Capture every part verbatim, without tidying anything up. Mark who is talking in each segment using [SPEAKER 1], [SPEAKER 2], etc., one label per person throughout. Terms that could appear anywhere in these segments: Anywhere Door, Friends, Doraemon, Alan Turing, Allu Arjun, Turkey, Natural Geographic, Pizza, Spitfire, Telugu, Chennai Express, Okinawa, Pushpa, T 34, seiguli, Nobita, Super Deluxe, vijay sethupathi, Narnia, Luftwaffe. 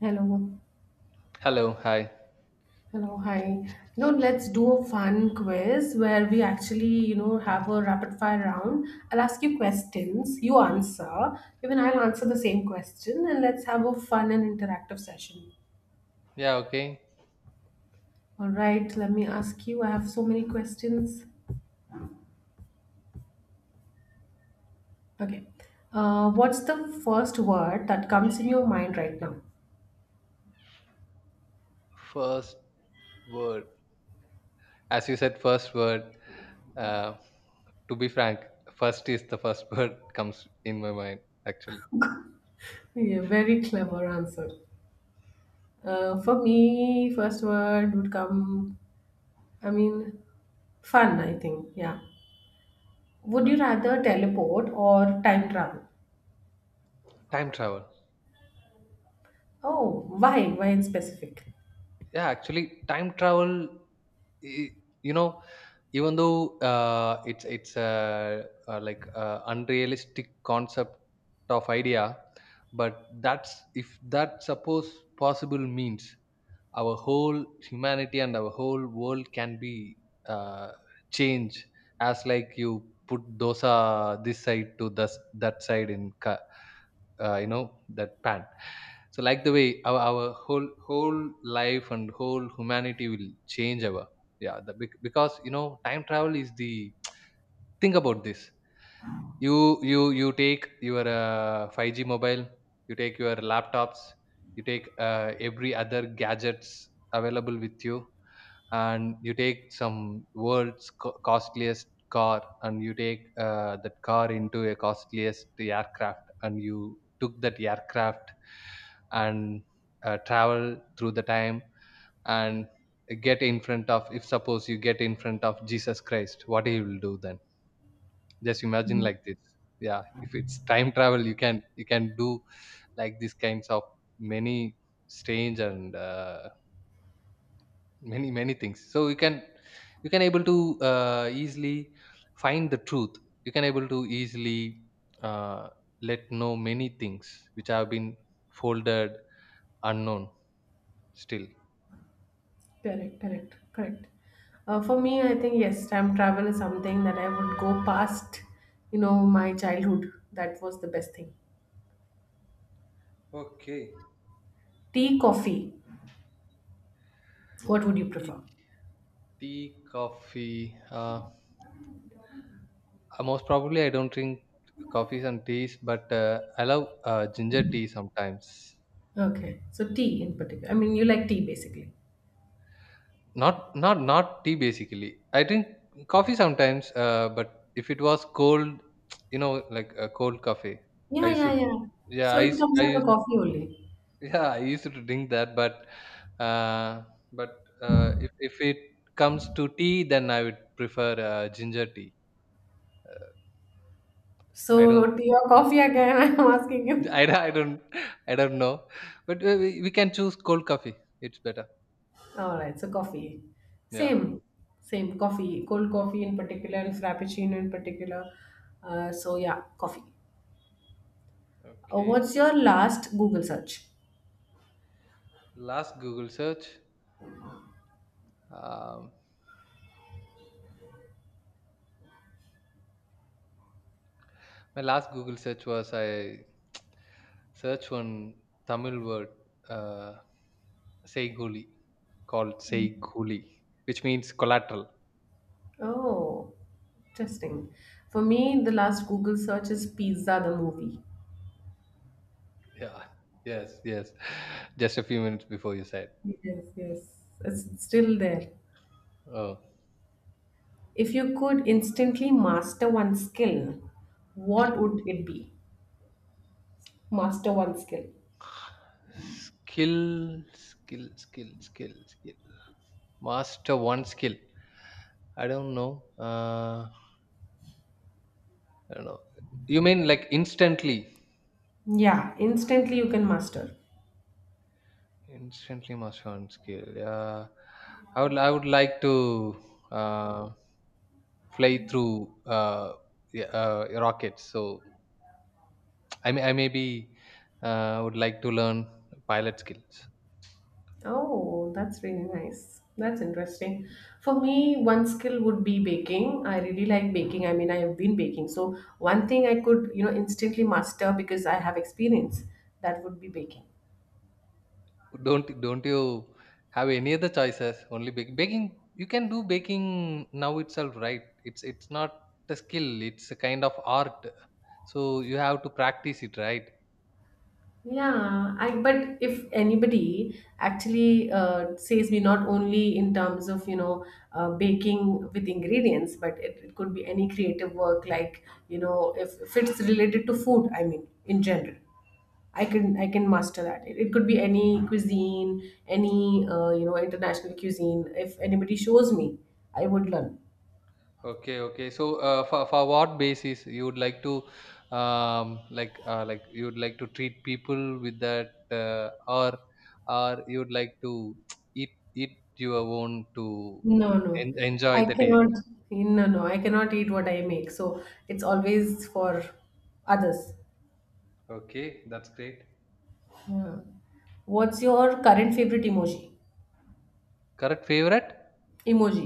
[SPEAKER 1] Hello,
[SPEAKER 2] Hello, hi.
[SPEAKER 1] hello, hi. You know, let's do a fun quiz where we actually, you know, have a rapid fire round. I'll ask you questions, you answer, even I'll answer the same question, and let's have a fun and interactive session.
[SPEAKER 2] Yeah, okay.
[SPEAKER 1] All right, let me ask you. I have so many questions. Okay. Uh, what's the first word that comes in your mind right now?
[SPEAKER 2] First word. As you said, first word. Uh, to be frank, first is the first word comes in my mind, actually.
[SPEAKER 1] Yeah, very clever answer. Uh, for me, first word would come, I mean, fun, I think. Yeah. Would you
[SPEAKER 2] Fa-
[SPEAKER 1] rather teleport or time travel?
[SPEAKER 2] Time travel.
[SPEAKER 1] Oh, why? Why in specific?
[SPEAKER 2] Yeah, actually, time travel y- you know even though uh, it's it's a, uh like a unrealistic concept of idea, but that's, if that suppose possible, means our whole humanity and our whole world can be uh, changed, as like you put dosa this side to this that side in ca- uh, you know that pan. So, like, the way our, our whole whole life and whole humanity will change our. Yeah, the, bec- because you know time travel is the... Think about this. You you you take your uh, five g mobile, you take your laptops, you take uh, every other gadgets available with you, and you take some world's co- costliest car, and you take uh, that car into a costliest aircraft, and you took that aircraft and uh, travel through the time and get in front of. If suppose you get in front of Jesus Christ, what he will do then? Just imagine like this. Yeah, if it's time travel, you can you can do like these kinds of many strange and uh, many many things, so you can you can able to uh, easily find the truth. You can able to easily uh, let know many things which have been folded, unknown, still.
[SPEAKER 1] Correct, correct, correct. Uh, for me, I think yes, time travel is something that I would go past. You know, my childhood. That was the best thing.
[SPEAKER 2] Okay.
[SPEAKER 1] Tea, coffee. What would you
[SPEAKER 2] tea,
[SPEAKER 1] prefer?
[SPEAKER 2] tea coffee, uh, uh, most probably I don't drink coffees and teas, but uh, I love uh, ginger tea sometimes.
[SPEAKER 1] Okay, so tea in particular. I mean, you like tea basically.
[SPEAKER 2] Not not not tea basically. I drink coffee sometimes, uh, but if it was cold, you know, like a cold coffee,
[SPEAKER 1] Yeah,
[SPEAKER 2] I
[SPEAKER 1] yeah,
[SPEAKER 2] should.
[SPEAKER 1] yeah.
[SPEAKER 2] Yeah,
[SPEAKER 1] So
[SPEAKER 2] I
[SPEAKER 1] it
[SPEAKER 2] used,
[SPEAKER 1] comes
[SPEAKER 2] I
[SPEAKER 1] under
[SPEAKER 2] used,
[SPEAKER 1] coffee only.
[SPEAKER 2] yeah, I used to drink that, but uh, but uh, if if it comes to tea, then I would prefer uh, ginger tea. I
[SPEAKER 1] So
[SPEAKER 2] don't,
[SPEAKER 1] tea or coffee again? I'm asking you.
[SPEAKER 2] I, don't- I don't, I don't know, but uh, we, we can choose cold coffee. It's better.
[SPEAKER 1] All right, so coffee.
[SPEAKER 2] Yeah.
[SPEAKER 1] Same, same coffee, cold coffee in particular, frappuccino in particular. Uh, so yeah, coffee. Uh,
[SPEAKER 2] Okay.
[SPEAKER 1] what's your last Google search?
[SPEAKER 2] Last Google search. Um, My last Google search was, I searched one Tamil word, uh, seiguli, called seiguli, which means collateral.
[SPEAKER 1] Oh, interesting. For me, the last Google search is Pizza the movie.
[SPEAKER 2] Yeah, yes, yes. Just a few minutes before you said.
[SPEAKER 1] Yes, yes. It's still there.
[SPEAKER 2] Oh.
[SPEAKER 1] If you could instantly master one skill, what would it be? Master one skill.
[SPEAKER 2] Skill, skill, skill, skill, skill. Master one skill. I don't know. Uh, I don't know. You mean like instantly?
[SPEAKER 1] Yeah, instantly you can master.
[SPEAKER 2] Instantly master one skill. Yeah. I would. I would like to. Uh, Fly through uh, yeah, uh, rockets. So I may I maybe uh, would like to learn pilot skills.
[SPEAKER 1] Oh, that's really nice. That's interesting. For me, one skill would be baking. I really like baking. I mean, I have been baking. So, one thing I could, you know, instantly master because I have experience, that would be baking.
[SPEAKER 2] Don't don't you have any other choices? Only bake, baking. You can do baking now itself, right? It's it's not a skill. It's a kind of art. So you have to practice it, right?
[SPEAKER 1] Yeah, I but if anybody actually uh, says me not only in terms of you know uh, baking with ingredients, but it, it could be any creative work like you know if, if it's related to food, I mean in general. I can I can master that. It, it could be any cuisine, any uh, you know international cuisine. If anybody shows me, I would learn.
[SPEAKER 2] Okay, okay. So, uh, for for what basis you would like to, um, like uh, like you would like to treat people with that, uh, or or you would like to eat eat your own to
[SPEAKER 1] No, no.
[SPEAKER 2] en- enjoy
[SPEAKER 1] I
[SPEAKER 2] the taste.
[SPEAKER 1] cannot. No, no, I cannot eat what I make. So it's always for others.
[SPEAKER 2] Okay, that's great.
[SPEAKER 1] Yeah. What's your current favorite emoji?
[SPEAKER 2] Correct favorite?
[SPEAKER 1] Emoji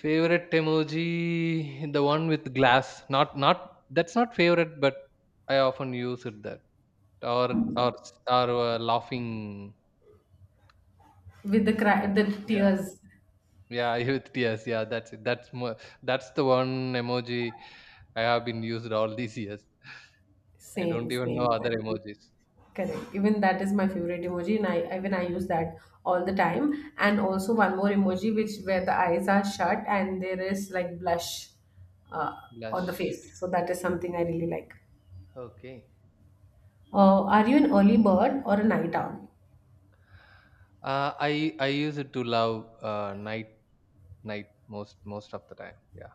[SPEAKER 2] Favorite emoji, the one with glass. Not not that's not favorite, but I often use it, that, or or or uh, laughing.
[SPEAKER 1] with the cry, the
[SPEAKER 2] Yeah,
[SPEAKER 1] tears.
[SPEAKER 2] yeah, youth tears. Yeah, that's it. That's more, that's the one emoji I have been used all these years. I
[SPEAKER 1] Same,
[SPEAKER 2] don't even know
[SPEAKER 1] same.
[SPEAKER 2] other emojis.
[SPEAKER 1] Correct. Even that is my favorite emoji, and I even I use that all the time. And also one more emoji, which where the eyes are shut and there is like blush uh, on the
[SPEAKER 2] Blush.
[SPEAKER 1] face. So that is something I really like.
[SPEAKER 2] Okay.
[SPEAKER 1] Uh, are you an early bird or a night owl?
[SPEAKER 2] Uh, I I use it to love uh, night night most most of the time. Yeah.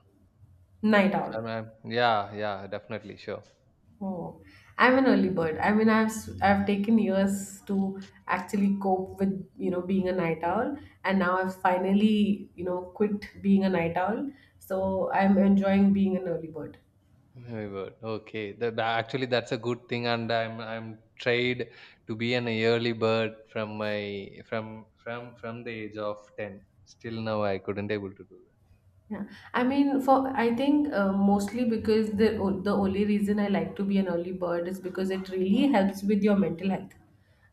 [SPEAKER 1] Night owl.
[SPEAKER 2] I mean, yeah, yeah, definitely, sure.
[SPEAKER 1] Oh, I'm an early bird. I mean, I've s- I've taken years to actually cope with you know being a night owl, and now I've finally you know quit being a night owl. So I'm enjoying being an early bird.
[SPEAKER 2] Very good. Okay. The, the- actually, that's a good thing, and I'm I'm tried to be an early bird from my from from from the age of ten. Still now, I couldn't able to do.
[SPEAKER 1] Yeah, I mean, for I think uh, mostly because the o- the only reason I like to be an early bird is because it really helps with your mental health.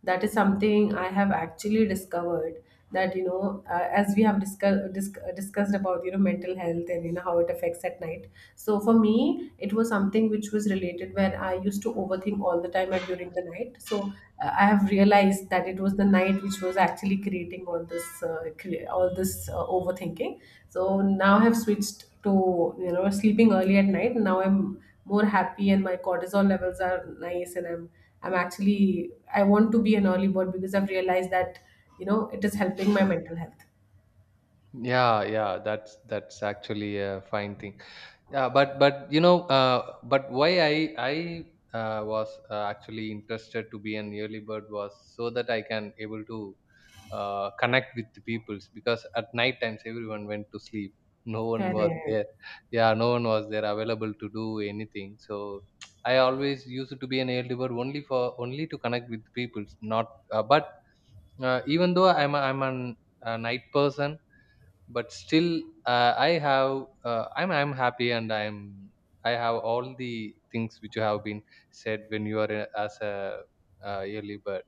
[SPEAKER 1] That is something I have actually discovered that, you know, uh, as we have discussed disc- uh, discussed about you know mental health and you know how it affects at night. So for me, it was something which was related where I used to overthink all the time at during the night. So uh, I have realized that it was the night which was actually creating all this uh, cre- all this uh, overthinking. So now I have switched to you know sleeping early at night. Now I'm more happy and my cortisol levels are nice, and I'm I'm actually I want to be an early bird because I've realized that you know it is helping my mental health.
[SPEAKER 2] Yeah, yeah, that's that's actually a fine thing. Yeah, but but you know uh, but why i i uh, was uh, actually interested to be an early bird, was so that I can able to uh, connect with the peoples, because at night times everyone went to sleep. No one was
[SPEAKER 1] Correct.
[SPEAKER 2] there. Yeah, no one was there available to do anything. So I always used to be an early bird only for only to connect with the peoples, not uh, but uh, even though i'm a, i'm an, a night person, but still uh, i have uh, i'm i'm happy, and i'm I have all the things which you have been said when you are a- as a uh, early bird.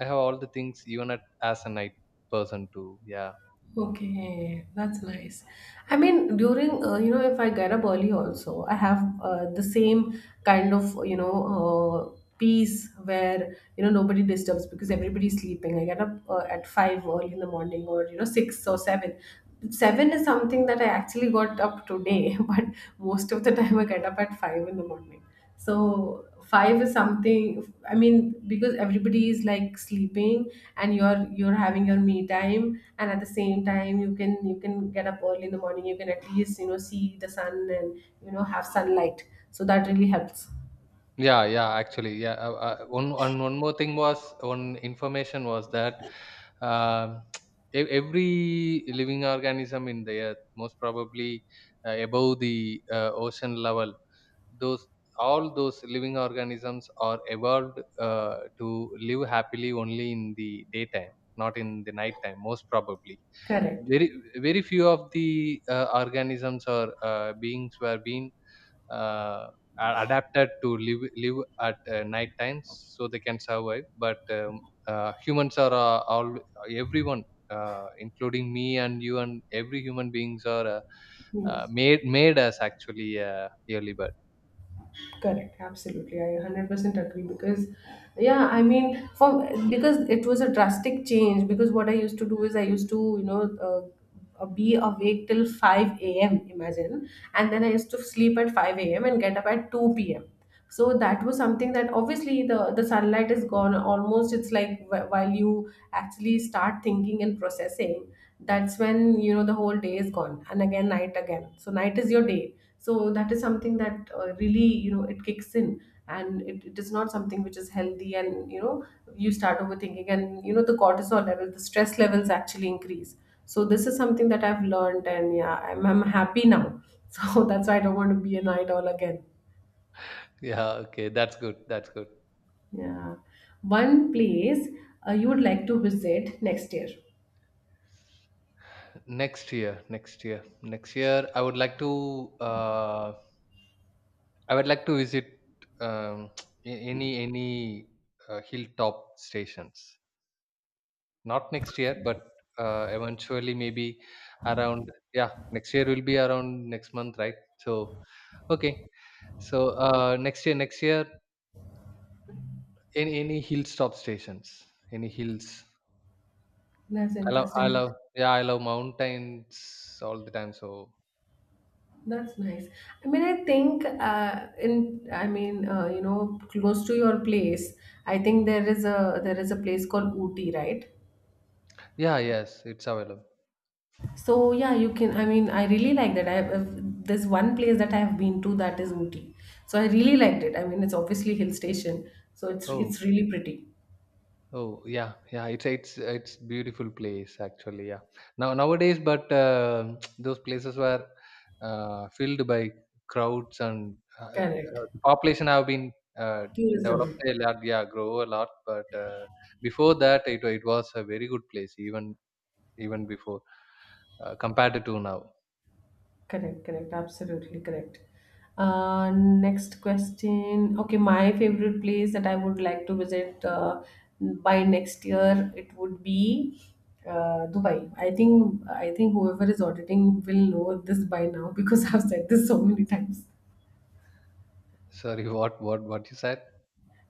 [SPEAKER 2] I have all the things, even at, as a night person too. Yeah.
[SPEAKER 1] Okay, that's nice. I mean, during uh, you know, if I get up early, also I have uh, the same kind of you know uh, peace where you know nobody disturbs because everybody's sleeping. I get up uh, at five early in the morning, or you know six or seven. Seven is something that I actually got up today, but most of the time I get up at five in the morning. So five is something. I mean, because everybody is like sleeping, and you're you're having your me time, and at the same time you can you can get up early in the morning. You can at least you know see the sun and you know have sunlight. So that really helps.
[SPEAKER 2] Yeah, yeah, actually, yeah. Uh, uh, one, one, one more thing was, one information was that, um, e- every living organism in the earth, most probably uh, above the uh, ocean level, those all those living organisms are evolved uh, to live happily only in the daytime, not in the nighttime. Most probably,
[SPEAKER 1] Correct.
[SPEAKER 2] very very few of the uh, organisms or uh, beings were being uh, are adapted to live live at uh, night times, so they can survive. But um, uh, humans are uh, all everyone, uh, including me and you and every human beings, are uh, uh,
[SPEAKER 1] Yes.
[SPEAKER 2] made made as actually uh, early bird.
[SPEAKER 1] Correct, absolutely. I one hundred percent agree because, yeah, I mean, for because it was a drastic change. Because what I used to do is I used to, you know, uh, uh, be awake till five a m, imagine, and then I used to sleep at five a m and get up at two p m. So that was something that obviously the the sunlight is gone. Almost it's like, wh- while you actually start thinking and processing, that's when you know the whole day is gone and again night, again. So night is your day. So that is something that, uh, really, you know it kicks in, and it, it is not something which is healthy. And you know you start overthinking and you know the cortisol level, the stress levels actually increase. So this is something that I've learned, and yeah, i'm, I'm happy now so that's why I don't want to be a night owl again.
[SPEAKER 2] Yeah, okay, that's good, that's good.
[SPEAKER 1] Yeah. One place uh, you would like to visit next year.
[SPEAKER 2] Next year next year next year i would like to uh, i would like to visit um, a- any any uh, hilltop stations. Not next year, but uh, eventually maybe around, yeah, next year will be around next month, right? So okay. So uh, next year, next year, any any hill stop stations, any hills.
[SPEAKER 1] That's
[SPEAKER 2] I love, I
[SPEAKER 1] interesting.
[SPEAKER 2] love, yeah, I love mountains all the time. So
[SPEAKER 1] That's nice. I mean, I think uh, in I mean, uh, you know, close to your place, I think there is a there is a place called Ooty, right?
[SPEAKER 2] yeah, yes, it's available.
[SPEAKER 1] So yeah, you can. I mean, I really like that. I uh, There's one place that I have been to, that is Ooty. So I really liked it. I mean, it's obviously hill station, so it's
[SPEAKER 2] Oh.
[SPEAKER 1] it's really pretty.
[SPEAKER 2] Oh yeah, yeah. It's it's it's beautiful place actually. Yeah. Now nowadays, but uh, those places were uh, filled by crowds, and uh, uh,
[SPEAKER 1] Correct.
[SPEAKER 2] the population have been uh, developed
[SPEAKER 1] Tourism.
[SPEAKER 2] a lot. Yeah, grow a lot. But uh, before that, it it was a very good place. Even even before uh, compared to now.
[SPEAKER 1] Correct, correct, absolutely correct. Uh, next question. Okay, my favorite place that I would like to visit uh, by next year, it would be uh, Dubai. I think I think whoever is auditing will know this by now because I've said this so many times.
[SPEAKER 2] Sorry, what what what you said?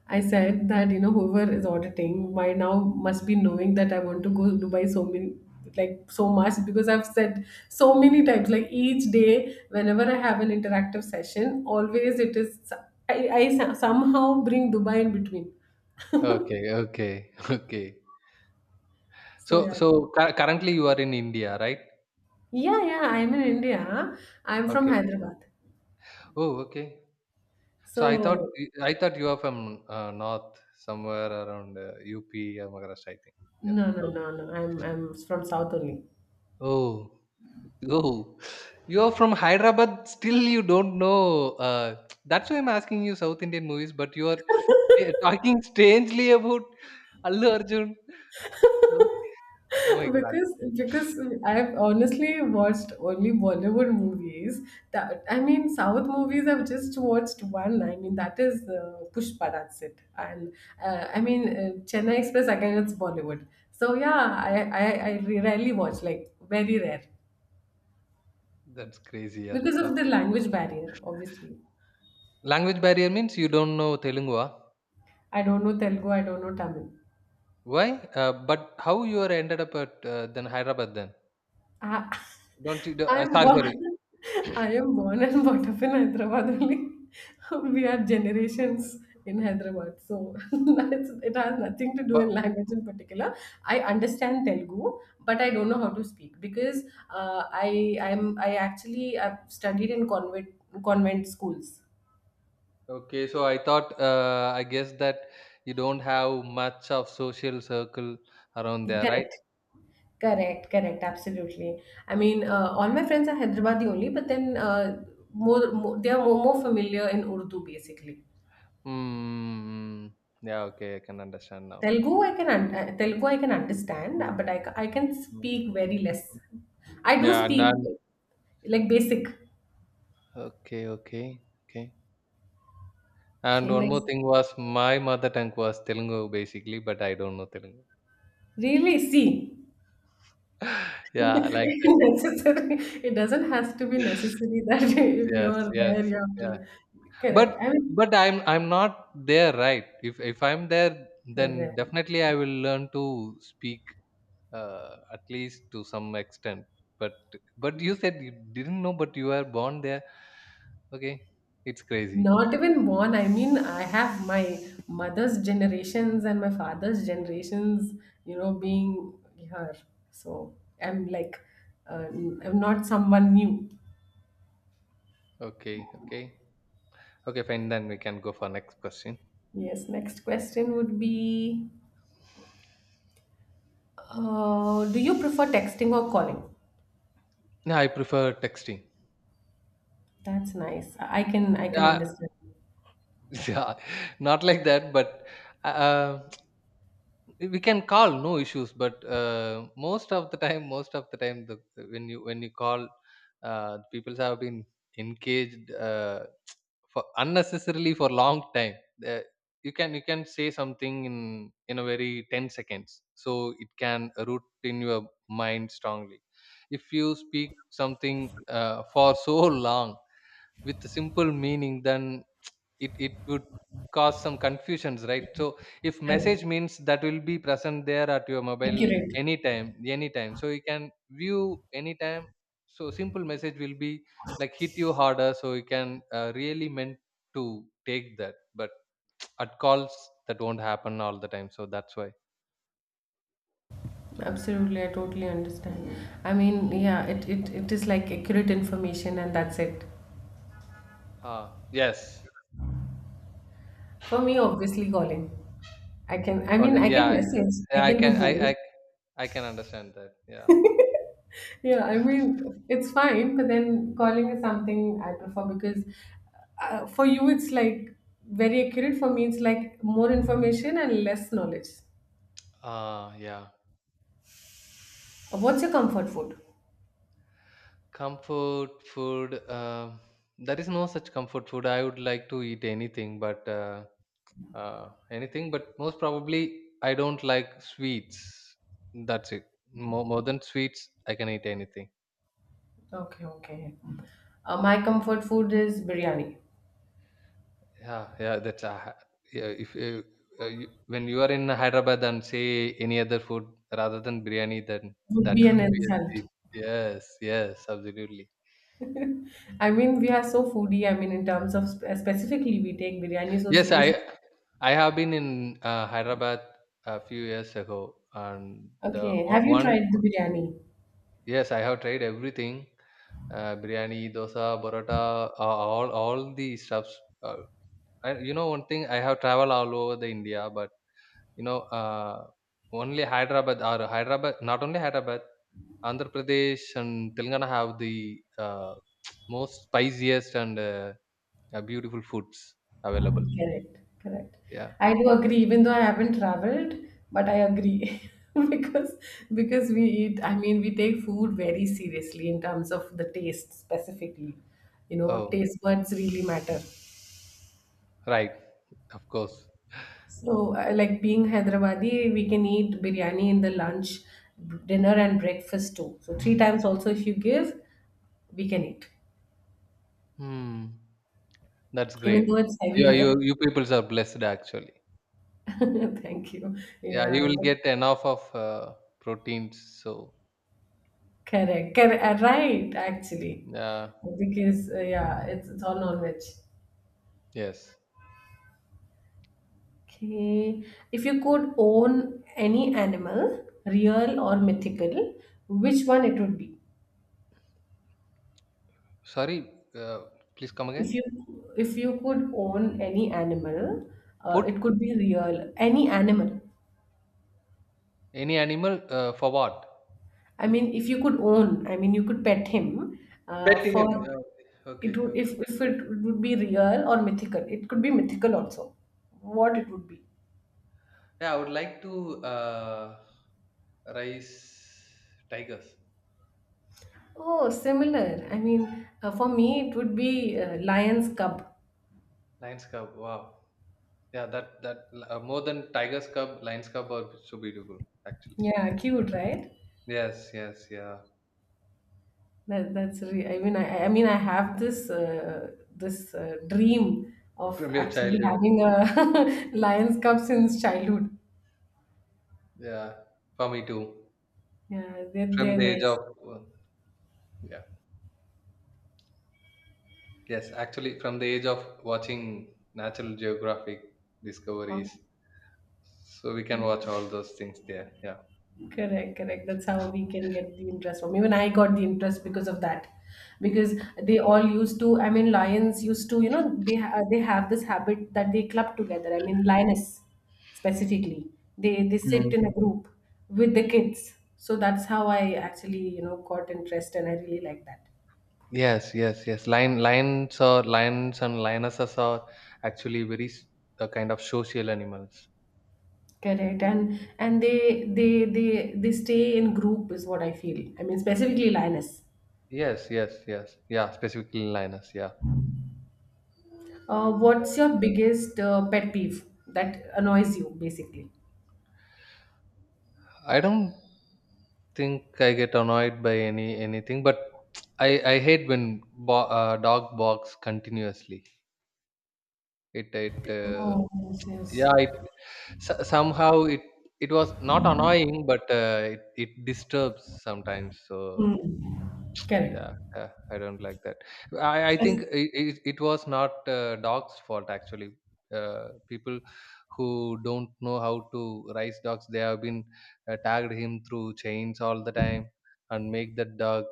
[SPEAKER 1] I said that you know whoever is auditing by now must be knowing that I want to go Dubai so many, like so much, because I've said so many times, like each day whenever I have an interactive session always it is I, I so- somehow bring Dubai in between.
[SPEAKER 2] Okay, okay, okay.
[SPEAKER 1] So
[SPEAKER 2] So
[SPEAKER 1] yeah,
[SPEAKER 2] so cu- currently you are in India, right?
[SPEAKER 1] yeah, yeah, I'm in India. I'm from
[SPEAKER 2] Okay.
[SPEAKER 1] Hyderabad.
[SPEAKER 2] Oh, okay. So I thought
[SPEAKER 1] So
[SPEAKER 2] I thought you are from uh, north, somewhere around uh, U P or Maharashtra, I think. Yes.
[SPEAKER 1] no, no, no, no, I'm I'm from South only.
[SPEAKER 2] Oh, oh, you are from Hyderabad. Still, you don't know. Uh, that's why I'm asking you South Indian movies. But you are, yeah, talking strangely about Allu Arjun. Oh, oh my God,
[SPEAKER 1] because because I've honestly watched only Bollywood movies. That I mean, South movies I've just watched one. I mean, that is uh, Pushpa. That's it. And uh, I mean, uh, Chennai Express again. It's Bollywood. So yeah, I I, I re- rarely watch, like very rare,
[SPEAKER 2] that's crazy. Yeah.
[SPEAKER 1] because of the
[SPEAKER 2] Okay.
[SPEAKER 1] language barrier. Obviously,
[SPEAKER 2] Language barrier means you don't know Telugu, ah?
[SPEAKER 1] I don't know Telugu. I don't know Tamil.
[SPEAKER 2] Why? Uh, but how you are ended up at uh, then Hyderabad then?
[SPEAKER 1] I,
[SPEAKER 2] Don't you? Do- Uh,
[SPEAKER 1] I'm
[SPEAKER 2] sorry,
[SPEAKER 1] born,
[SPEAKER 2] sorry.
[SPEAKER 1] I am born and brought up in Hyderabad only. We are generations in Hyderabad, so it's, it has nothing to do in
[SPEAKER 2] But
[SPEAKER 1] language in particular. I understand Telugu, but I don't know how to speak because uh, I I'm I actually I've studied in convent convent schools.
[SPEAKER 2] Okay, so I thought, uh, I guess that you don't have much of social circle around there, right?
[SPEAKER 1] Correct. Correct, correct, absolutely. I mean, uh, all
[SPEAKER 2] Okay.
[SPEAKER 1] my friends are Hyderabadi only, but then uh, more, more they are more, more familiar in Urdu basically.
[SPEAKER 2] Mm, yeah, okay, I can understand now.
[SPEAKER 1] Telugu, I can un- uh, Telugu, I can understand, uh,
[SPEAKER 2] Mm,
[SPEAKER 1] but I, ca- I can
[SPEAKER 2] mm,
[SPEAKER 1] speak very
[SPEAKER 2] mm.
[SPEAKER 1] less. I do
[SPEAKER 2] Yeah, and
[SPEAKER 1] speak
[SPEAKER 2] then,
[SPEAKER 1] like basic.
[SPEAKER 2] okay, okay, okay. And
[SPEAKER 1] Okay,
[SPEAKER 2] one more
[SPEAKER 1] next.
[SPEAKER 2] thing was, my mother tongue was Telugu basically, but I don't know Telugu.
[SPEAKER 1] Really, see,
[SPEAKER 2] Yeah, like that.
[SPEAKER 1] necessary. It doesn't have to be necessary that if you
[SPEAKER 2] Yes,
[SPEAKER 1] are
[SPEAKER 2] yes,
[SPEAKER 1] there, you have
[SPEAKER 2] yeah.
[SPEAKER 1] to.
[SPEAKER 2] But
[SPEAKER 1] Correct. I mean,
[SPEAKER 2] but I'm I'm not there, right? If if I'm there, then
[SPEAKER 1] correct.
[SPEAKER 2] definitely I will learn to speak uh, at least to some extent. But but you said you didn't know, but you were born there. Okay, it's crazy.
[SPEAKER 1] Not even born. I mean, I have my mother's generations and my father's generations. You know, being here, so I'm like, uh, I'm not someone new.
[SPEAKER 2] Okay, okay, okay, fine. Then we can go for next question.
[SPEAKER 1] Yes, next question would be uh, do you prefer texting or calling?
[SPEAKER 2] Yeah, I prefer texting.
[SPEAKER 1] That's nice. I I can I can
[SPEAKER 2] Yeah.
[SPEAKER 1] understand.
[SPEAKER 2] Yeah, not like that, but uh, we can call, no issues. But uh, most of the time most of the time, the when you when you call, uh, people have been engaged uh, for unnecessarily for long time. uh, you can you can say something in in a very ten seconds, so it can root in your mind strongly. If you speak something uh, for so long with simple meaning, then it it would cause some confusions, right? So, if
[SPEAKER 1] Correct.
[SPEAKER 2] message means, that will be present there at your mobile
[SPEAKER 1] Accurate.
[SPEAKER 2] anytime, anytime, so you can view anytime. So simple message will be like hit you harder, so you can uh, really meant to take that. But at calls, that won't happen all the time, so that's why.
[SPEAKER 1] Absolutely, I totally understand. I mean, yeah, it, it, it is like accurate information and that's it.
[SPEAKER 2] Ah, yes.
[SPEAKER 1] For me, obviously calling. I can I mean
[SPEAKER 2] Calling.
[SPEAKER 1] I can
[SPEAKER 2] Yeah, yeah.
[SPEAKER 1] message.
[SPEAKER 2] Yeah,
[SPEAKER 1] I
[SPEAKER 2] i
[SPEAKER 1] can do
[SPEAKER 2] can i
[SPEAKER 1] both.
[SPEAKER 2] i, I can understand that. Yeah.
[SPEAKER 1] Yeah, I mean, it's fine, but then calling is something I prefer because, uh, for you it's like very accurate. For me, it's like more information and less knowledge.
[SPEAKER 2] Ah, yeah.
[SPEAKER 1] Uh, What's your comfort food?
[SPEAKER 2] Comfort food, uh, there is no such comfort food. I would like to eat anything, but uh, uh, anything, but most probably I don't like sweets. That's it. More, more than sweets, I can eat anything.
[SPEAKER 1] Okay, okay. Uh, my comfort food is biryani.
[SPEAKER 2] Yeah, yeah, that's uh, yeah. If uh, uh, you, when you are in Hyderabad and say any other food rather than biryani, then
[SPEAKER 1] Would
[SPEAKER 2] that
[SPEAKER 1] be an
[SPEAKER 2] would be a
[SPEAKER 1] insult.
[SPEAKER 2] sweet. Yes, yes, absolutely.
[SPEAKER 1] I mean, we are so foodie. I mean, in terms of sp- specifically, we take biryani so
[SPEAKER 2] Yes,
[SPEAKER 1] serious.
[SPEAKER 2] I I have been in uh, Hyderabad a few years ago, and the
[SPEAKER 1] Okay,
[SPEAKER 2] o-
[SPEAKER 1] have you
[SPEAKER 2] one.
[SPEAKER 1] tried the biryani?
[SPEAKER 2] Yes, I have tried everything, uh, biryani, dosa, paratha, uh, all all the stuffs. Uh, I, you know, one thing I have traveled all over the India, but you know, uh, only Hyderabad, or Hyderabad, not only Hyderabad, Andhra Pradesh and Telangana have the uh, most spiciest and uh, uh, beautiful foods available.
[SPEAKER 1] Correct, correct.
[SPEAKER 2] Yeah.
[SPEAKER 1] I do agree, even though I haven't traveled, but I agree because because we eat, I mean, we take food very seriously in terms of the taste specifically. You know,
[SPEAKER 2] Oh.
[SPEAKER 1] taste buds really matter.
[SPEAKER 2] Right. Of course.
[SPEAKER 1] So, uh, like being Hyderabadi, we can eat biryani in the lunch, b- dinner, and breakfast too. So three times also, if you give, we can eat,
[SPEAKER 2] Hmm. That's
[SPEAKER 1] even though
[SPEAKER 2] great.
[SPEAKER 1] it's
[SPEAKER 2] Yeah, you
[SPEAKER 1] heavier.
[SPEAKER 2] you peoples are blessed actually.
[SPEAKER 1] Thank you.
[SPEAKER 2] Yeah, you
[SPEAKER 1] Yeah.
[SPEAKER 2] will get enough of uh, proteins. So
[SPEAKER 1] Correct. Correct. Uh, Right, actually.
[SPEAKER 2] yeah,
[SPEAKER 1] Because, uh, yeah, it's, it's all non veg.
[SPEAKER 2] yes.
[SPEAKER 1] Okay. If you could own any animal, real or mythical, which one it would be?
[SPEAKER 2] Sorry, uh, please come
[SPEAKER 1] If
[SPEAKER 2] again.
[SPEAKER 1] you if you could own any animal, uh,
[SPEAKER 2] Put
[SPEAKER 1] it could be real, any animal.
[SPEAKER 2] any animal uh, for what?
[SPEAKER 1] I mean, if you could own, I mean, you could pet him uh,
[SPEAKER 2] Pet him.
[SPEAKER 1] for
[SPEAKER 2] Uh,
[SPEAKER 1] it
[SPEAKER 2] okay,
[SPEAKER 1] would if
[SPEAKER 2] okay.
[SPEAKER 1] if it would be real or mythical. It could be mythical also. What it would be?
[SPEAKER 2] Yeah, I would like to uh, raise tigers,
[SPEAKER 1] Oh, similar. I mean, uh, for me, it would be uh, Lion's Cub.
[SPEAKER 2] lions cub. Wow. Yeah, that that uh, more than tigers cub, lions cub are so beautiful actually.
[SPEAKER 1] Yeah,
[SPEAKER 2] Yes.
[SPEAKER 1] cute, right?
[SPEAKER 2] Yes. Yes. Yeah.
[SPEAKER 1] That, that's re- I mean, I, I mean, I have this uh, this uh, dream of
[SPEAKER 2] From your
[SPEAKER 1] actually
[SPEAKER 2] childhood.
[SPEAKER 1] having a Lion's Cub since childhood.
[SPEAKER 2] Yeah, for me too.
[SPEAKER 1] Yeah, they're,
[SPEAKER 2] From
[SPEAKER 1] they're
[SPEAKER 2] the age
[SPEAKER 1] nice.
[SPEAKER 2] of, yeah, yes, actually, from the age of watching Natural Geographic
[SPEAKER 1] Oh.
[SPEAKER 2] discoveries. So we can watch
[SPEAKER 1] Oh.
[SPEAKER 2] all those things there. Yeah.
[SPEAKER 1] Correct, correct. That's how we can get the interest from. Even I got the interest because of that, because they all used to. I mean, lions used to. You know, they ha- they have this habit that they club together. I mean, lioness specifically. They they sit
[SPEAKER 2] Mm.
[SPEAKER 1] in a group with the kids. So that's how I actually, you know, got interest, and I really like that.
[SPEAKER 2] Yes, yes, yes. Lion, lions or lions and lionesses are actually very s- uh, kind of social animals.
[SPEAKER 1] Correct, and and they they they they stay in group is what I feel. I mean, specifically lioness.
[SPEAKER 2] Yes, yes, yes. Yeah, specifically lioness. Yeah.
[SPEAKER 1] Uh, what's your biggest uh, pet peeve that annoys you, basically?
[SPEAKER 2] I don't think I get annoyed by any anything, but I I hate when bo- uh, dog barks continuously. It it uh,
[SPEAKER 1] Oh, yes, yes.
[SPEAKER 2] Yeah, it so- somehow it it was not annoying, but uh, it it disturbs sometimes.
[SPEAKER 1] Hmm.
[SPEAKER 2] So
[SPEAKER 1] Correct.
[SPEAKER 2] yeah, yeah, I don't like that. I, I
[SPEAKER 1] Yes.
[SPEAKER 2] think it, it, it was not uh, dogs' fault actually. Uh, people who don't know how to raise dogs, they have been uh, tagged him through chains all the time and make that dog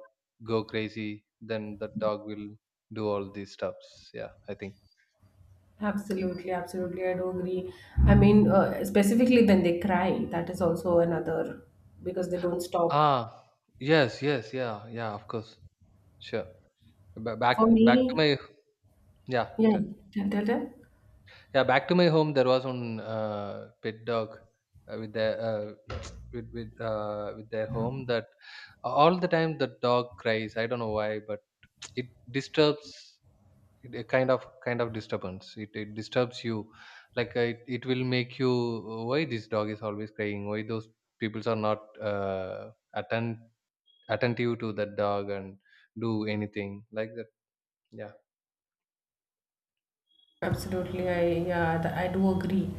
[SPEAKER 2] go crazy. Then the dog will do all these stuffs. Yeah, I think.
[SPEAKER 1] Absolutely, absolutely. I do agree. I mean, uh, specifically when they cry, that is also another because they don't stop.
[SPEAKER 2] Ah, yes, yes, yeah, yeah, of course, sure. Ba-
[SPEAKER 1] For
[SPEAKER 2] Back, back to
[SPEAKER 1] me,
[SPEAKER 2] my yeah.
[SPEAKER 1] yeah, tell, tell, tell.
[SPEAKER 2] Yeah, back to my home, there was one uh, pet dog uh, with their uh, with with uh, with their home that uh, all the time the dog cries. I don't know why, but it disturbs it, a kind of kind of disturbance. It, it disturbs you, like uh, it, it will make you uh, why this dog is always crying. Why those peoples are not uh, atten- attentive to that dog and do anything like that. Yeah,
[SPEAKER 1] Absolutely, I yeah, th- I do agree.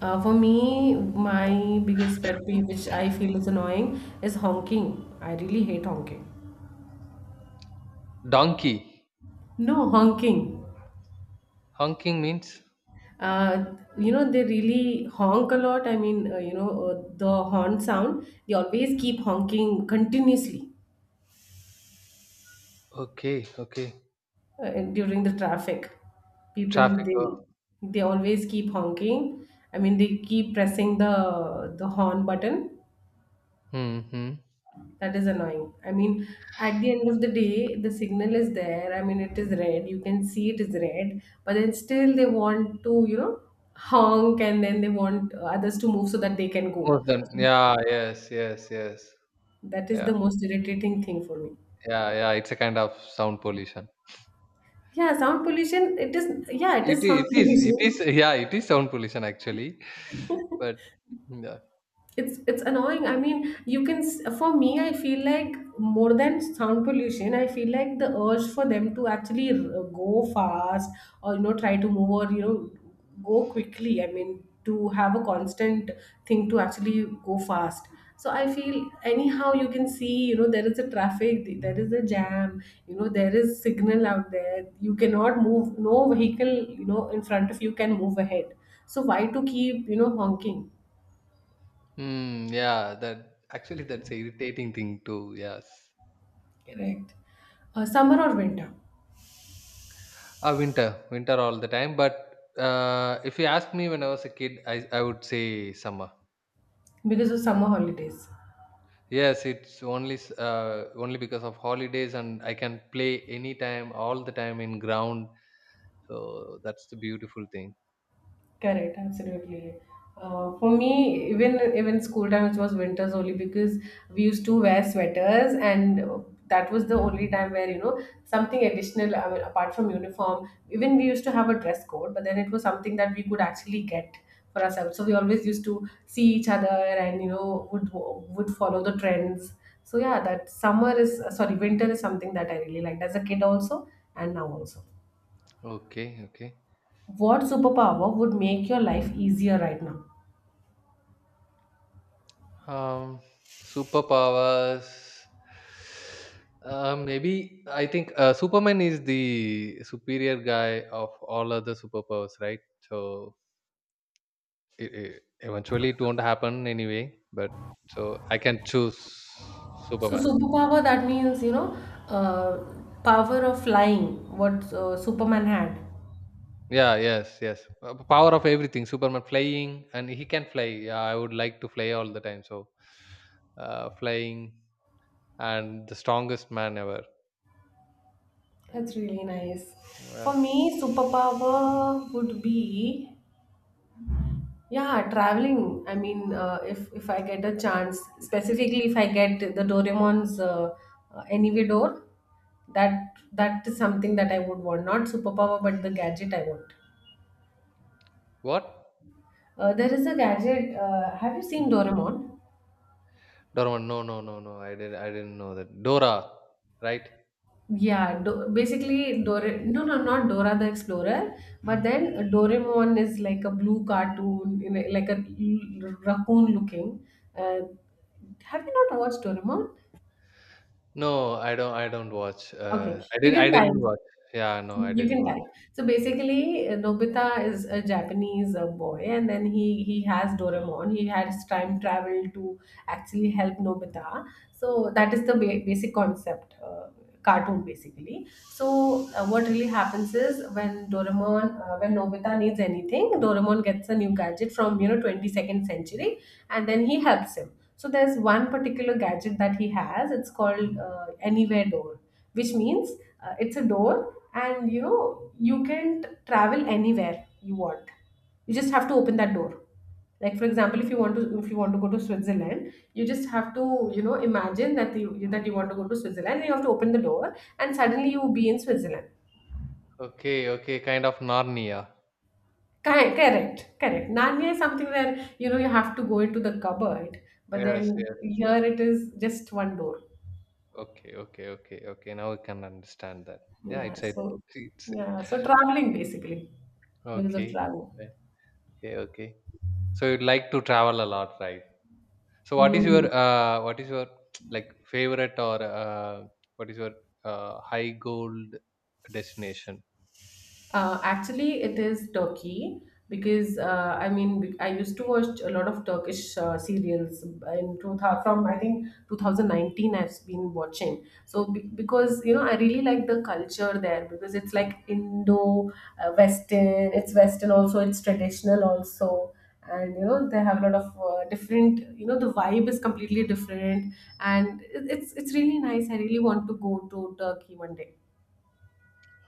[SPEAKER 1] Uh, for me, my biggest pet peeve, which I feel is annoying, is honking. I really hate honking.
[SPEAKER 2] donkey
[SPEAKER 1] No honking.
[SPEAKER 2] honking means
[SPEAKER 1] Uh, you know, they really honk a lot. I mean, uh, you know, uh, the horn sound, they always keep honking continuously
[SPEAKER 2] okay, okay
[SPEAKER 1] uh, during the traffic. People,
[SPEAKER 2] traffic.
[SPEAKER 1] they they always keep honking. I mean, they keep pressing the the horn button.
[SPEAKER 2] Mhm.
[SPEAKER 1] That is annoying. I mean, at the end of the day, the signal is there. I mean, it is red. You can see it is red, but then still they want to, you know, honk and then they want uh, others to move so that they can go.
[SPEAKER 2] More than yeah, yes, yes, yes.
[SPEAKER 1] That is
[SPEAKER 2] Yeah,
[SPEAKER 1] the most irritating thing for me.
[SPEAKER 2] yeah, yeah. It's a kind of sound pollution.
[SPEAKER 1] Yeah, sound pollution, it is, yeah, it
[SPEAKER 2] It
[SPEAKER 1] is sound
[SPEAKER 2] is, it is it
[SPEAKER 1] pollution.
[SPEAKER 2] is, yeah, it is sound pollution actually. But yeah.
[SPEAKER 1] it's it's annoying. I mean, you can s- for me, I feel like more than sound pollution, I feel like the urge for them to actually r- go fast, or, you know, try to move, or, you know, go quickly. I mean, to have a constant thing to actually go fast. So I feel anyhow you can see, you know, there is a traffic, there is a jam, you know, there is signal out there, you cannot move. No vehicle, you know, in front of you can move ahead, so why to keep, you know, honking?
[SPEAKER 2] Mm, yeah, that actually that's a irritating thing too, yes.
[SPEAKER 1] Correct. Uh, summer or winter?
[SPEAKER 2] Ah, winter, winter all the time. But uh, if you ask me when I was a kid, I, I would say summer.
[SPEAKER 1] Because of summer holidays.
[SPEAKER 2] Yes, it's only s- uh, only because of holidays and I can play anytime, all the time in ground. So that's the beautiful thing.
[SPEAKER 1] Correct, absolutely. Uh, for me, even even school time, it was winters only because we used to wear sweaters, and uh, that was the only time where, you know, something additional. I mean, apart from uniform, even we used to have a dress code, but then it was something that we could actually get for ourselves. So we always used to see each other, and, you know, would would follow the trends. So yeah, that summer is uh, sorry, winter is something that I really liked as a kid also, and now also.
[SPEAKER 2] Okay, okay.
[SPEAKER 1] What superpower would make your life easier right now?
[SPEAKER 2] Um, superpowers. Uh, maybe I think uh, Superman is the superior guy of all other superpowers, right? So it, it, eventually it won't happen anyway. But so I can choose
[SPEAKER 1] So
[SPEAKER 2] Superman.
[SPEAKER 1] superpower, that means, you know, uh, power of flying. What uh, Superman had.
[SPEAKER 2] Yeah, yes, yes. Uh, power of everything. Superman flying, and he can fly. Yeah, I would like to fly all the time. So, uh, flying and the strongest man ever.
[SPEAKER 1] That's really nice.
[SPEAKER 2] Yeah.
[SPEAKER 1] For me, superpower would be, yeah, traveling. I mean, uh, if if I get a chance, specifically if I get the Doraemon's uh, uh, anyway door, that that is something that I would want. Not superpower, but the gadget I want.
[SPEAKER 2] What?
[SPEAKER 1] Uh, there is a gadget. Uh, have you seen Doraemon?
[SPEAKER 2] Doraemon. No, no, no, no. I did. I didn't know that. Dora, right?
[SPEAKER 1] Yeah, do- basically Dora. No, no, not Dora the Explorer. But then Doraemon is like a blue cartoon, you know, like a l- raccoon looking. Uh, have you not watched Doraemon?
[SPEAKER 2] No, I don't. I don't watch.
[SPEAKER 1] Okay,
[SPEAKER 2] Uh, I
[SPEAKER 1] you
[SPEAKER 2] didn't.
[SPEAKER 1] can
[SPEAKER 2] I didn't
[SPEAKER 1] find.
[SPEAKER 2] watch. Yeah, no, I
[SPEAKER 1] You
[SPEAKER 2] didn't
[SPEAKER 1] can
[SPEAKER 2] watch.
[SPEAKER 1] type. So basically, uh, Nobita is a Japanese uh, boy, and then he he has Doraemon. He has time travel to actually help Nobita. So that is the ba- basic concept, uh, cartoon basically. So uh, what really happens is when Doraemon, uh, when Nobita needs anything, Doraemon gets a new gadget from, you know, twenty second century, and then he helps him. So there's one particular gadget that he has. It's called uh, Anywhere Door, which means uh, it's a door and, you know, you can t- travel anywhere you want. You just have to open that door. Like, for example, if you want to if you want to go to Switzerland, you just have to, you know, imagine that you that you want to go to Switzerland, and you have to open the door, and suddenly you will be in Switzerland.
[SPEAKER 2] Okay, okay. Kind of Narnia.
[SPEAKER 1] Correct, correct, correct. Narnia is something where, you know, you have to go into the cupboard, but
[SPEAKER 2] Yes,
[SPEAKER 1] then
[SPEAKER 2] yes.
[SPEAKER 1] here it is just one door.
[SPEAKER 2] Okay, okay, okay, okay. Now we can understand that. Yeah,
[SPEAKER 1] Yeah,
[SPEAKER 2] it's a.
[SPEAKER 1] so
[SPEAKER 2] It's
[SPEAKER 1] yeah, so traveling basically, because of
[SPEAKER 2] Okay,
[SPEAKER 1] travel.
[SPEAKER 2] right. Okay, okay. So you'd like to travel a lot, right? So what is your
[SPEAKER 1] Hmm.
[SPEAKER 2] uh, what is your like favorite or uh, what is your uh, high gold destination?
[SPEAKER 1] Uh, actually, it is Turkey because uh, I mean be- I used to watch a lot of Turkish uh, serials in two thousand. From I think twenty nineteen I've been watching. So be- because, you know, I really like the culture there because it's like Indo uh, Western. It's Western also. It's traditional also. And, you know, they have a lot of uh, different. You know, the vibe is completely different, and it- it's it's really nice. I really want to go to Turkey one day.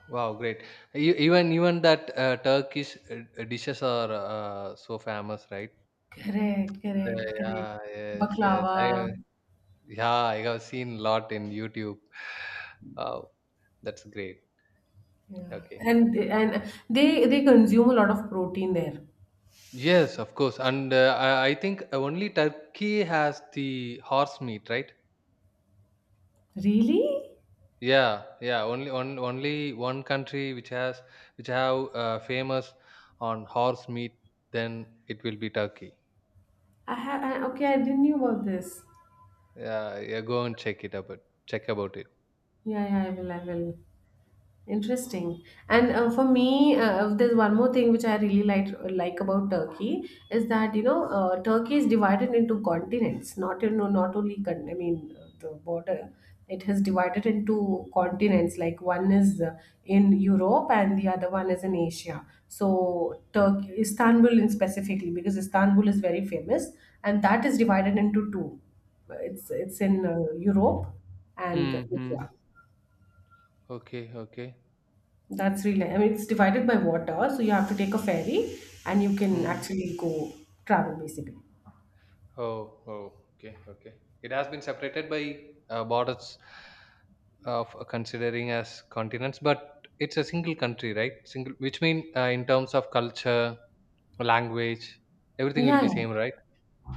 [SPEAKER 2] Wow, great! E- Even even that uh, Turkish uh, dishes are uh, so famous, right?
[SPEAKER 1] Correct, correct,
[SPEAKER 2] The-
[SPEAKER 1] correct.
[SPEAKER 2] yeah, yes, yes. I
[SPEAKER 1] Baklava.
[SPEAKER 2] uh, Yeah, I have seen lot in YouTube. Wow, that's great.
[SPEAKER 1] Yeah.
[SPEAKER 2] Okay.
[SPEAKER 1] And and they they consume a lot of protein there.
[SPEAKER 2] Yes, of course. And uh, I, I think only Turkey has the horse meat, right?
[SPEAKER 1] Really?
[SPEAKER 2] Yeah, yeah. Only on, only one country which has which have uh, famous on horse meat, then it will be Turkey.
[SPEAKER 1] I ha I, okay, I didn't know about this.
[SPEAKER 2] Yeah, yeah. Go and check it about check about it.
[SPEAKER 1] Yeah, yeah, I will, I will. Interesting. And uh, for me, uh, uh, there's one more thing which I really like like about Turkey is that, you know, uh, Turkey is divided into continents. Not, you know, not only con- I mean uh, the border. It has divided into continents. Like, one is uh, in Europe and the other one is in Asia. So Turkey, Istanbul, in specifically, because Istanbul is very famous, and that is divided into two. It's it's in uh, Europe and
[SPEAKER 2] Mhm.
[SPEAKER 1] Asia.
[SPEAKER 2] Okay, okay.
[SPEAKER 1] That's really nice. I mean, it's divided by water, so you have to take a ferry and you can
[SPEAKER 2] Mm.
[SPEAKER 1] actually go travel basically.
[SPEAKER 2] Oh, oh, okay, okay. It has been separated by uh, borders of uh, considering as continents, but it's a single country, right? Single, which mean uh, in terms of culture, language, everything will
[SPEAKER 1] Yeah,
[SPEAKER 2] be
[SPEAKER 1] yeah.
[SPEAKER 2] same, right?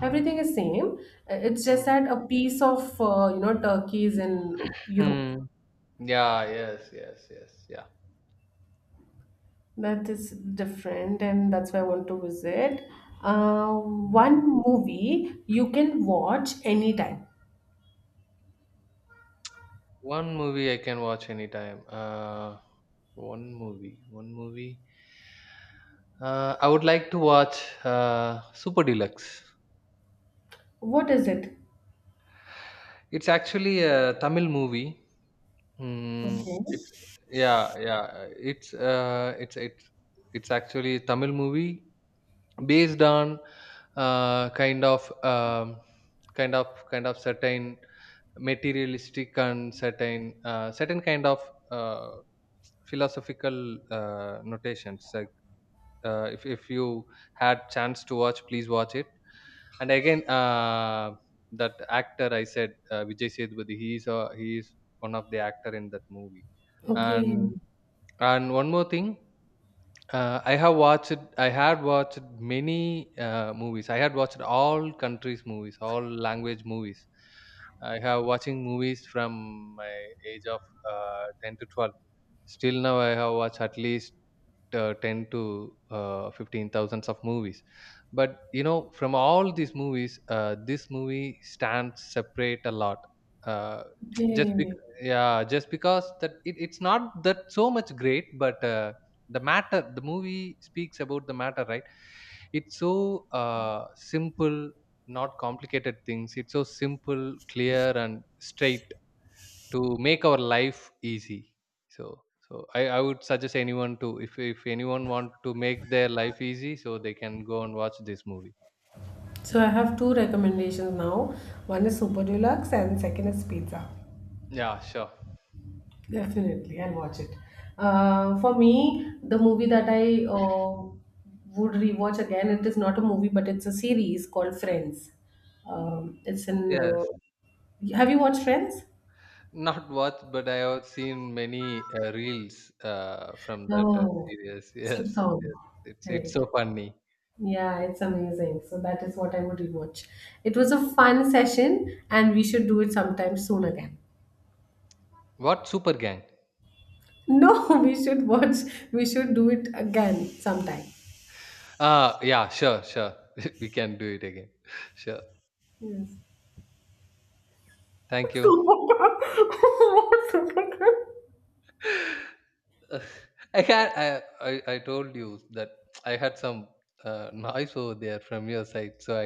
[SPEAKER 1] Everything is same. Uh, It's just
[SPEAKER 2] Mm.
[SPEAKER 1] that a piece of, uh, you know, Turkey is in Europe.
[SPEAKER 2] Mm. Yeah. Yes. Yes. Yes.
[SPEAKER 1] That is different, and that's why I want to visit. Uh,
[SPEAKER 2] Yeah.
[SPEAKER 1] one movie you can watch anytime.
[SPEAKER 2] One movie I can watch anytime. Uh, one movie. One movie. Uh, I would like to watch uh, Super Deluxe.
[SPEAKER 1] What is it?
[SPEAKER 2] It's actually a Tamil movie. Mm,
[SPEAKER 1] Okay.
[SPEAKER 2] it's Yeah, yeah. It's uh, it's it's it's actually a Tamil movie based on uh, kind of um, kind of kind of certain materialistic and certain uh, certain kind of uh, philosophical uh, notations like uh, if, if you had chance to watch, please watch it. And again, uh, that actor I said, uh, Vijay Sethupathi, he is uh, he is one of the actor in that movie.
[SPEAKER 1] Okay.
[SPEAKER 2] and and one more thing, uh, I have watched. I had watched many uh, movies. I had watched all countries' movies, all language movies. I have watching movies from my age of uh, ten to twelve. Still now I have watched at least uh, ten to uh, fifteen thousands of movies. But you know, from all these movies, uh, this movie stands separate a lot. Uh, just bec-
[SPEAKER 1] Okay.
[SPEAKER 2] Yeah, just because that it, it's not that so much great, but uh, the matter, the movie speaks about the matter, right? It's so uh, simple, not complicated things. It's so simple, clear, and straight to make our life easy. so so i, I would suggest anyone to, if, if anyone want to make their life easy, so they can go and watch this movie.
[SPEAKER 1] So I have two recommendations now. One is Super Deluxe and second is Pizza.
[SPEAKER 2] Yeah, sure.
[SPEAKER 1] Definitely, I'll watch it. Uh, for me, the movie that I uh, would rewatch again, it is not a movie, but it's a series called Friends. Um, it's in. Uh,
[SPEAKER 2] Yes,
[SPEAKER 1] have you watched Friends?
[SPEAKER 2] not watch, but I have seen many uh, reels uh, from that uh,
[SPEAKER 1] No,
[SPEAKER 2] series. Yes,
[SPEAKER 1] sitcom.
[SPEAKER 2] yes, it's it's
[SPEAKER 1] Correct.
[SPEAKER 2] so funny.
[SPEAKER 1] Yeah, it's amazing. So that is what I would rewatch. It was a fun session, and we should do it sometime soon again.
[SPEAKER 2] What super gang?
[SPEAKER 1] No, we should watch. We should do it again sometime.
[SPEAKER 2] Uh yeah, sure, sure. We can do it again. Sure.
[SPEAKER 1] Yes.
[SPEAKER 2] Thank
[SPEAKER 1] 怎
[SPEAKER 2] you.
[SPEAKER 1] 么办？我怎么办？
[SPEAKER 2] Uh, I had I, I I told you that I had some uh, noise over there from your side, so